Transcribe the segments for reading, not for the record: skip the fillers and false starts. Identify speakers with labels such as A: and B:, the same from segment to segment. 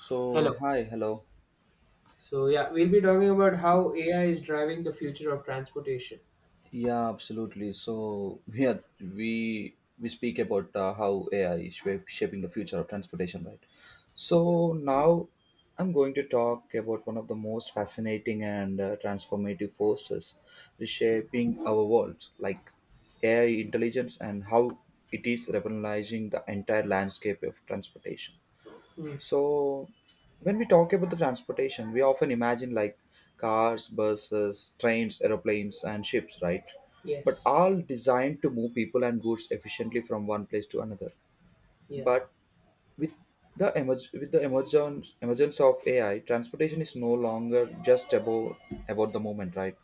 A: So
B: Hello.
A: hi, hello.
B: So yeah, we'll be talking about how AI is driving the future of transportation.
A: Yeah, absolutely. So yeah, we speak about how AI is shaping the future of transportation, right?
B: Yeah.
A: So now I'm going to talk about one of the most fascinating and transformative forces
B: Mm.
A: reshaping our world, like AI intelligence and how it is revolutionizing the entire landscape of transportation.
B: Mm.
A: So, when we talk about the transportation, we often imagine like cars, buses, trains, aeroplanes, and ships, right? But
B: Yes.
A: all designed to move people and goods efficiently from one place to another.
B: Yeah.
A: But with with the emergence of AI, transportation is no longer just about the movement, right?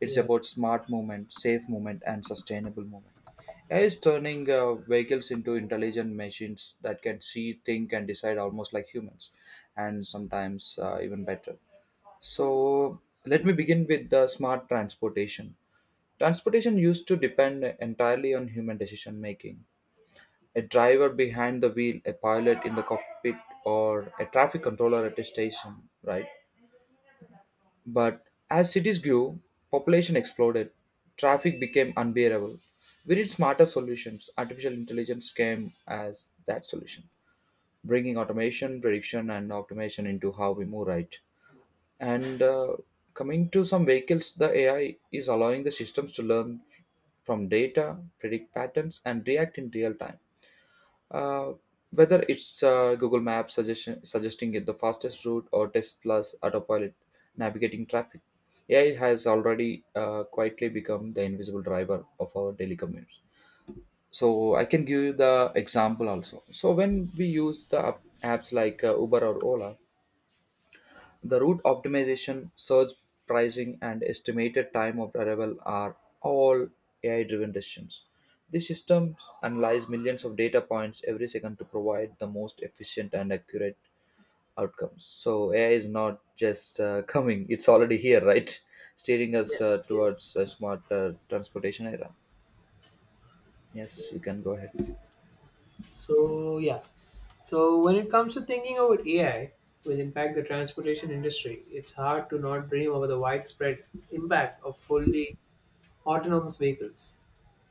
A: It's
B: Yeah.
A: about smart movement, safe movement, and sustainable movement. AI is turning vehicles into intelligent machines that can see, think, and decide almost like humans, and sometimes even better. So let me begin with the smart transportation. Transportation used to depend entirely on human decision making, a driver behind the wheel, a pilot in the cockpit, or a traffic controller at a station, right? But as cities grew, population exploded, traffic became unbearable. We need smarter solutions. Artificial intelligence came as that solution, bringing automation, prediction, and automation into how we move, right? And coming to some vehicles, the AI is allowing the systems to learn from data, predict patterns, and react in real time. uh, Whether it's Google Maps suggesting it the fastest route or Tesla's autopilot navigating traffic, AI has already quietly become the invisible driver of our daily commutes. So I can give you the example also. So when we use the apps like Uber or Ola, the route optimization, surge pricing, and estimated time of arrival are all AI driven decisions. These systems analyze millions of data points every second to provide the most efficient and accurate outcomes. So, AI is not just coming, it's already here, right? Steering us
B: Yeah. Yeah.
A: towards a smart transportation era. Yes, you can go
B: Yes.
A: ahead.
B: So yeah. So when it comes to thinking about AI will impact the transportation industry, it's hard to not dream about the widespread impact of fully autonomous vehicles.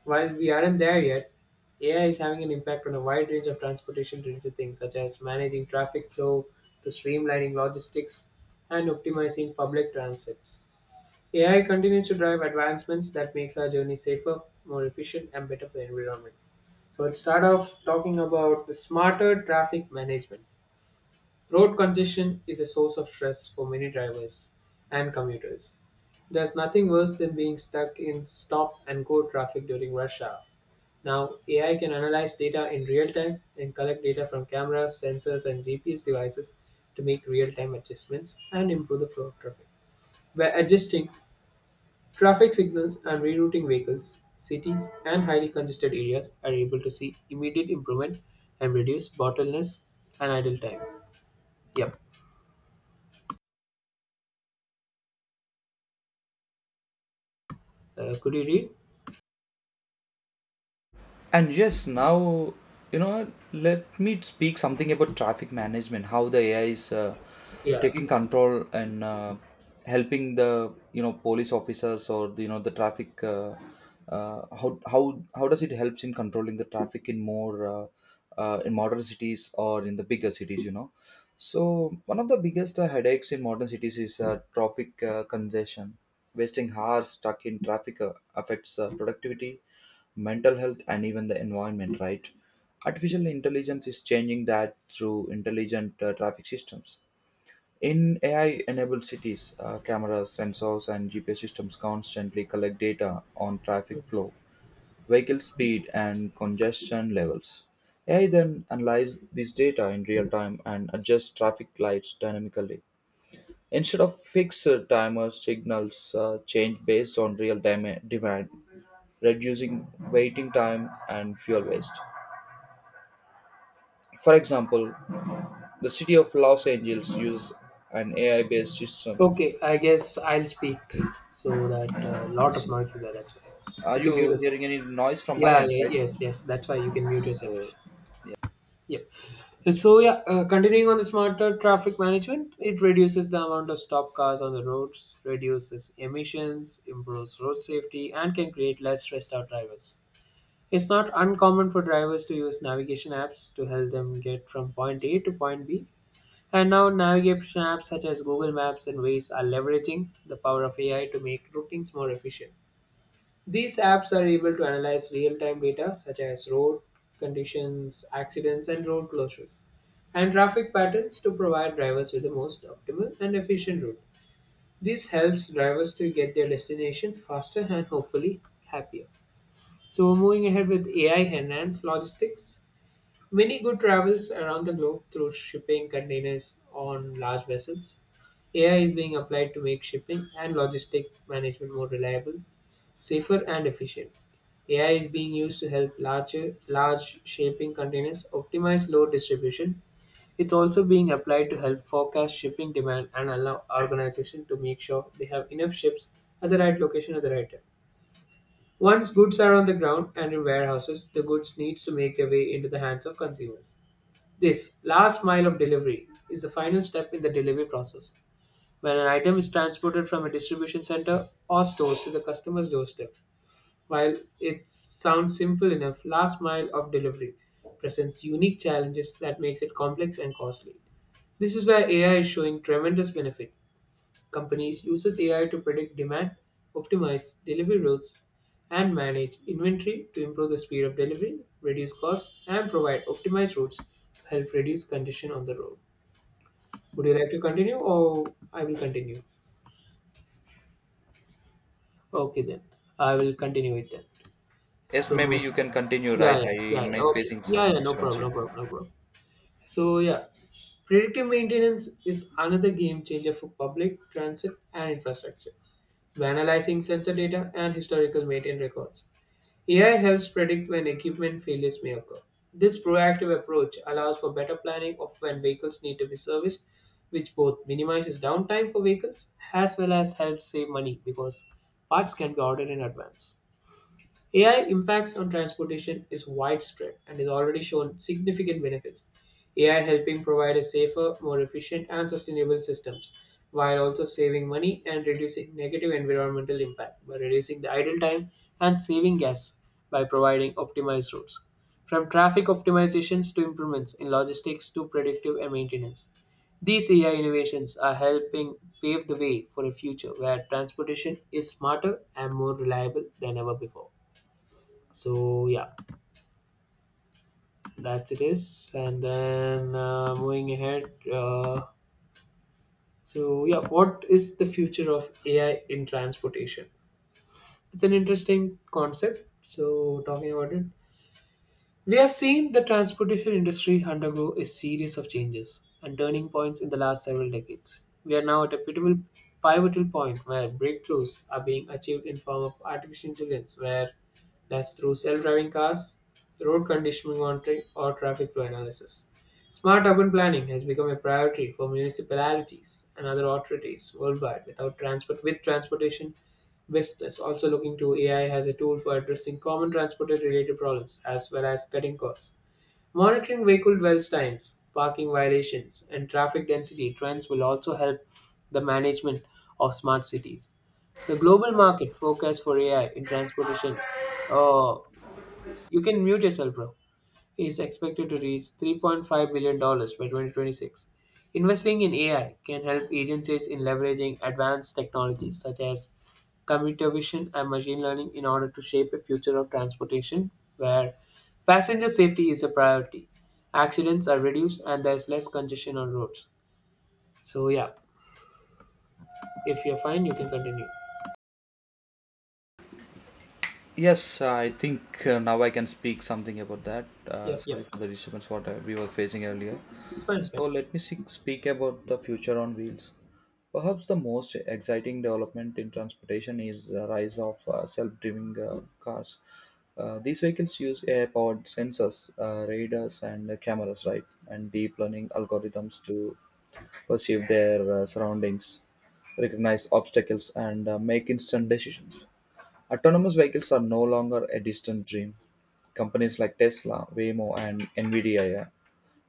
B: While we aren't there yet, AI is having an impact on a wide range of transportation related things, such as managing traffic flow to streamlining logistics and optimizing public transits. AI continues to drive advancements that makes our journey safer, more efficient, and better for the environment. So let's start off talking about the smarter traffic management. Road congestion is a source of stress for many drivers and commuters. There's nothing worse than being stuck in stop and go traffic during rush hour. Now, AI can analyze data in real time and collect data from cameras, sensors, and GPS devices to make real time adjustments and improve the flow of traffic. By adjusting traffic signals and rerouting vehicles, cities and highly congested areas are able to see immediate improvement and reduce bottlenecks and idle time. Yep. Could you read?
A: And yes, now, you know, let me speak something about traffic management, how the AI is
B: Yeah.
A: taking control and helping the, you know, police officers, or the, you know, the traffic, how, how does it helps in controlling the traffic in more, in modern cities or in the bigger cities, you know? So one of the biggest headaches in modern cities is traffic congestion. Wasting hours stuck in traffic affects productivity, mental health, and even the environment, right? Artificial intelligence is changing that through intelligent traffic systems. In AI enabled cities, cameras, sensors, and GPS systems constantly collect data on traffic flow, vehicle speed, and congestion levels. AI then analyzes this data in real time and adjusts traffic lights dynamically. Instead of fixed timers, signals change based on real demand, reducing waiting time and fuel waste. For example, the city of Los Angeles uses an AI-based system.
B: Okay, I guess I'll speak so that a lot of
A: So
B: noise is there. That's why
A: are
B: you can mute
A: you
B: yourself.
A: hearing any noise from my
B: Yeah,
A: end,
B: yeah,
A: right?
B: yes, yes. That's why you can mute
A: So
B: yourself. Yep. So yeah, continuing on the smarter traffic management, it reduces the amount of stop cars on the roads, reduces emissions, improves road safety, and can create less stressed out drivers. It's not uncommon for drivers to use navigation apps to help them get from point A to point B. And now navigation apps such as Google Maps and Waze are leveraging the power of AI to make routings more efficient. These apps are able to analyze real time data such as road conditions, accidents, and road closures, and traffic patterns to provide drivers with the most optimal and efficient route. This helps drivers to get their destination faster and hopefully happier. So, moving ahead with AI enhanced logistics, many good travels around the globe through shipping containers on large vessels. AI is being applied to make shipping and logistic management more reliable, safer and efficient. AI is being used to help large shipping containers optimize load distribution. It's also being applied to help forecast shipping demand and allow organizations to make sure they have enough ships at the right location at the right time. Once goods are on the ground and in warehouses, the goods needs to make their way into the hands of consumers. This last mile of delivery is the final step in the delivery process when an item is transported from a distribution center or stores to the customer's doorstep. While it sounds simple enough, last mile of delivery presents unique challenges that makes it complex and costly. This is where AI is showing tremendous benefit. Companies uses AI to predict demand, optimize delivery routes, and manage inventory to improve the speed of delivery, reduce costs, and provide optimized routes to help reduce congestion on the road. Would you like to continue or I will continue? Okay then. I will continue it then.
A: yes, maybe
B: So
A: you can continue,
B: yeah,
A: right?
B: yeah,
A: I
B: yeah,
A: am
B: yeah. Okay.
A: facing
B: Yeah,
A: some
B: yeah, no
A: disturbance
B: problem,
A: here.
B: no problem, no problem. So yeah, predictive maintenance is another game changer for public transit and infrastructure. By analyzing sensor data and historical maintenance records, AI helps predict when equipment failures may occur. This proactive approach allows for better planning of when vehicles need to be serviced, which both minimizes downtime for vehicles as well as helps save money because parts can be ordered in advance. AI impacts on transportation is widespread and is already shown significant benefits. AI helping provide a safer, more efficient and sustainable systems while also saving money and reducing negative environmental impact by reducing the idle time and saving gas by providing optimized routes. From traffic optimizations to improvements in logistics to predictive and maintenance. These AI innovations are helping pave the way for a future where transportation is smarter and more reliable than ever before. So yeah, that's it is. And then moving ahead, so yeah, what is the future of AI in transportation? It's an interesting concept. So talking about it, we have seen the transportation industry undergo a series of changes and turning points in the last several decades. We are now at a pivotal point where breakthroughs are being achieved in form of artificial intelligence, where that's through self-driving cars, road conditioning monitoring, or traffic flow analysis. Smart urban planning has become a priority for municipalities and other authorities worldwide. Without transport, with transportation, West is also looking to AI as a tool for addressing common transport related problems as well as cutting costs. Monitoring vehicle dwell times, parking violations, and traffic density trends will also help the management of smart cities. The global market forecast for AI in transportation. Oh, you can mute yourself, bro, is expected to reach $3.5 billion dollars by 2026. Investing in AI can help agencies in leveraging advanced technologies such as computer vision and machine learning in order to shape a future of transportation where passenger safety is a priority, accidents are reduced, and there is less congestion on roads. So, yeah, if you're fine, you can continue.
A: Yes, I think now I can speak something about that.
B: Yep,
A: Sorry
B: yep.
A: for the disturbance what we were facing earlier.
B: It's fine.
A: So
B: Fine.
A: let me speak about the future on wheels. Perhaps the most exciting development in transportation is the rise of self-driving cars. These vehicles use air powered sensors, radars, and cameras, right, and deep learning algorithms to perceive their surroundings, recognize obstacles, and make instant decisions. Autonomous vehicles are no longer a distant dream. Companies like Tesla, Waymo, and NVIDIA, yeah,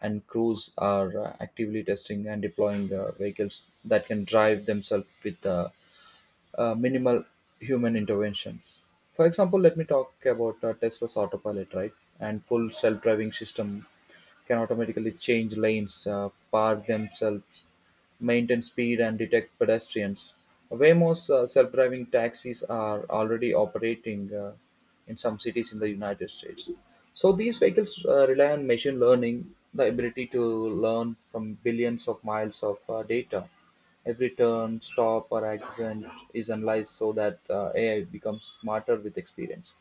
A: and Cruise are actively testing and deploying vehicles that can drive themselves with minimal human interventions. For example, let me talk about Tesla's autopilot, right? And full self-driving system can automatically change lanes, park themselves, maintain speed, and detect pedestrians. Waymo's self-driving taxis are already operating in some cities in the United States. So these vehicles rely on machine learning, the ability to learn from billions of miles of data. Every turn, stop, or accident is analyzed so that AI becomes smarter with experience.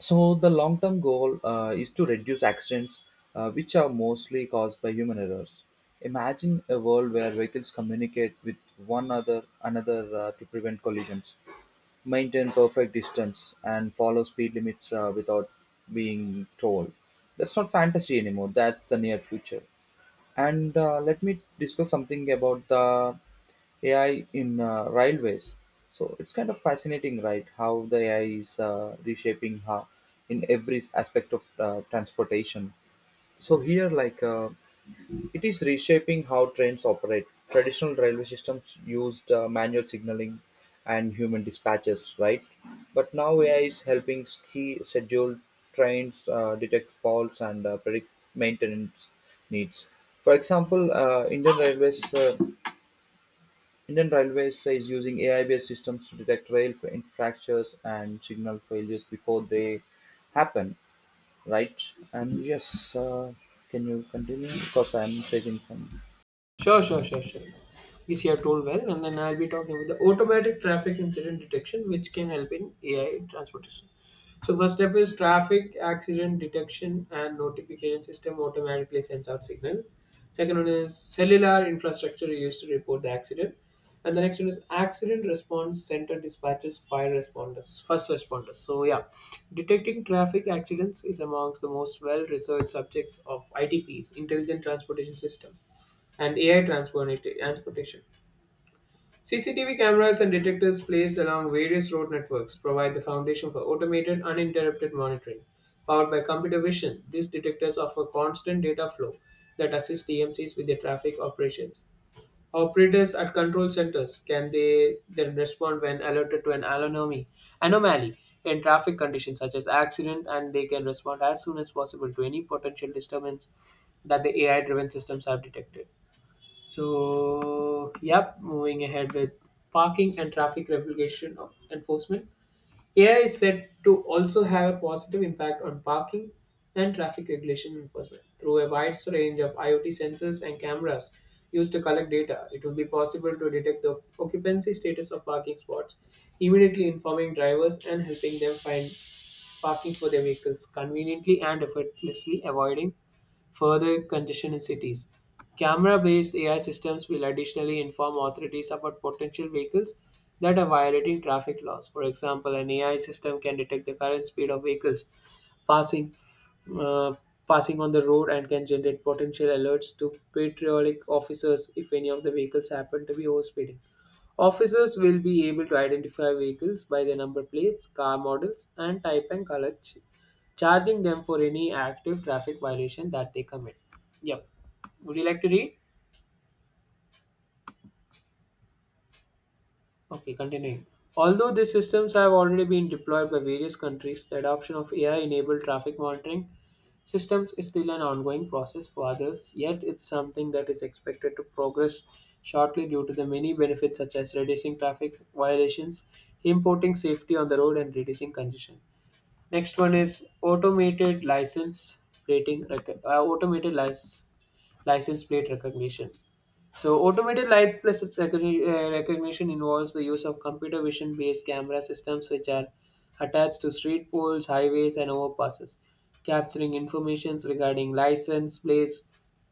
A: So the long-term goal is to reduce accidents, which are mostly caused by human errors. Imagine a world where vehicles communicate with one other another to prevent collisions, maintain perfect distance, and follow speed limits without being told. That's not fantasy anymore. That's the near future. And let me discuss something about the AI in railways. So it's kind of fascinating, right? How the AI is reshaping how in every aspect of transportation. So here, like, it is reshaping how trains operate. Traditional railway systems used manual signaling and human dispatches, right? But now AI is helping ski schedule trains, detect faults, and predict maintenance needs. For example, Indian Railways. Indian Railways is using AI-based systems to detect rail infractions and signal failures before they happen, right? And yes, can you continue because I'm facing some
B: Sure, sure, sure, sure. This you have told well, and then I'll be talking about the automatic traffic incident detection, which can help in AI transportation. So first step is traffic accident detection and notification system automatically sends out signal. Second one is cellular infrastructure used to report the accident. And the next one is accident response center dispatches fire responders, first responders. So yeah, detecting traffic accidents is amongst the most well-researched subjects of ITPs, intelligent transportation system and AI transportation. CCTV cameras and detectors placed along various road networks provide the foundation for automated, uninterrupted monitoring. Powered by computer vision, these detectors offer constant data flow that assists TMCs with their traffic operations. Operators at control centers can they then respond when alerted to an anomaly in traffic conditions such as accident, and they can respond as soon as possible to any potential disturbance that the AI-driven systems have detected. So, yep, moving ahead with parking and traffic regulation of enforcement. AI is said to also have a positive impact on parking and traffic regulation enforcement. Through a wide range of IoT sensors and cameras used to collect data, it will be possible to detect the occupancy status of parking spots, immediately informing drivers and helping them find parking for their vehicles conveniently and effortlessly avoiding further congestion in cities. Camera based AI systems will additionally inform authorities about potential vehicles that are violating traffic laws. For example, an AI system can detect the current speed of vehicles passing uh, passing on the road and can generate potential alerts to patriotic officers if any of the vehicles happen to be overspeeding. Officers will be able to identify vehicles by their number plates, car models, and type and color, charging them for any active traffic violation that they commit. Yep. Would you like to read? Okay, continuing. Although these systems have already been deployed by various countries, the adoption of AI enabled traffic monitoring systems is still an ongoing process for others, yet, it's something that is expected to progress shortly due to the many benefits such as reducing traffic violations, importing safety on the road, and reducing congestion. Next one is automated automated license plate recognition. So automated recognition involves the use of computer vision based camera systems which are attached to street poles, highways and overpasses, capturing information regarding license plates,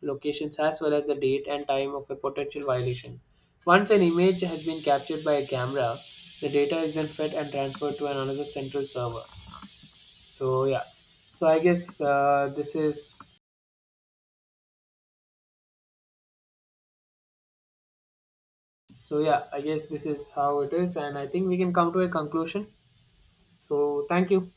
B: locations as well as the date and time of a potential violation. Once an image has been captured by a camera, the data is then fed and transferred to another central server. So yeah, so I guess this is so yeah, I guess this is how it is, and I think we can come to a conclusion. So thank you.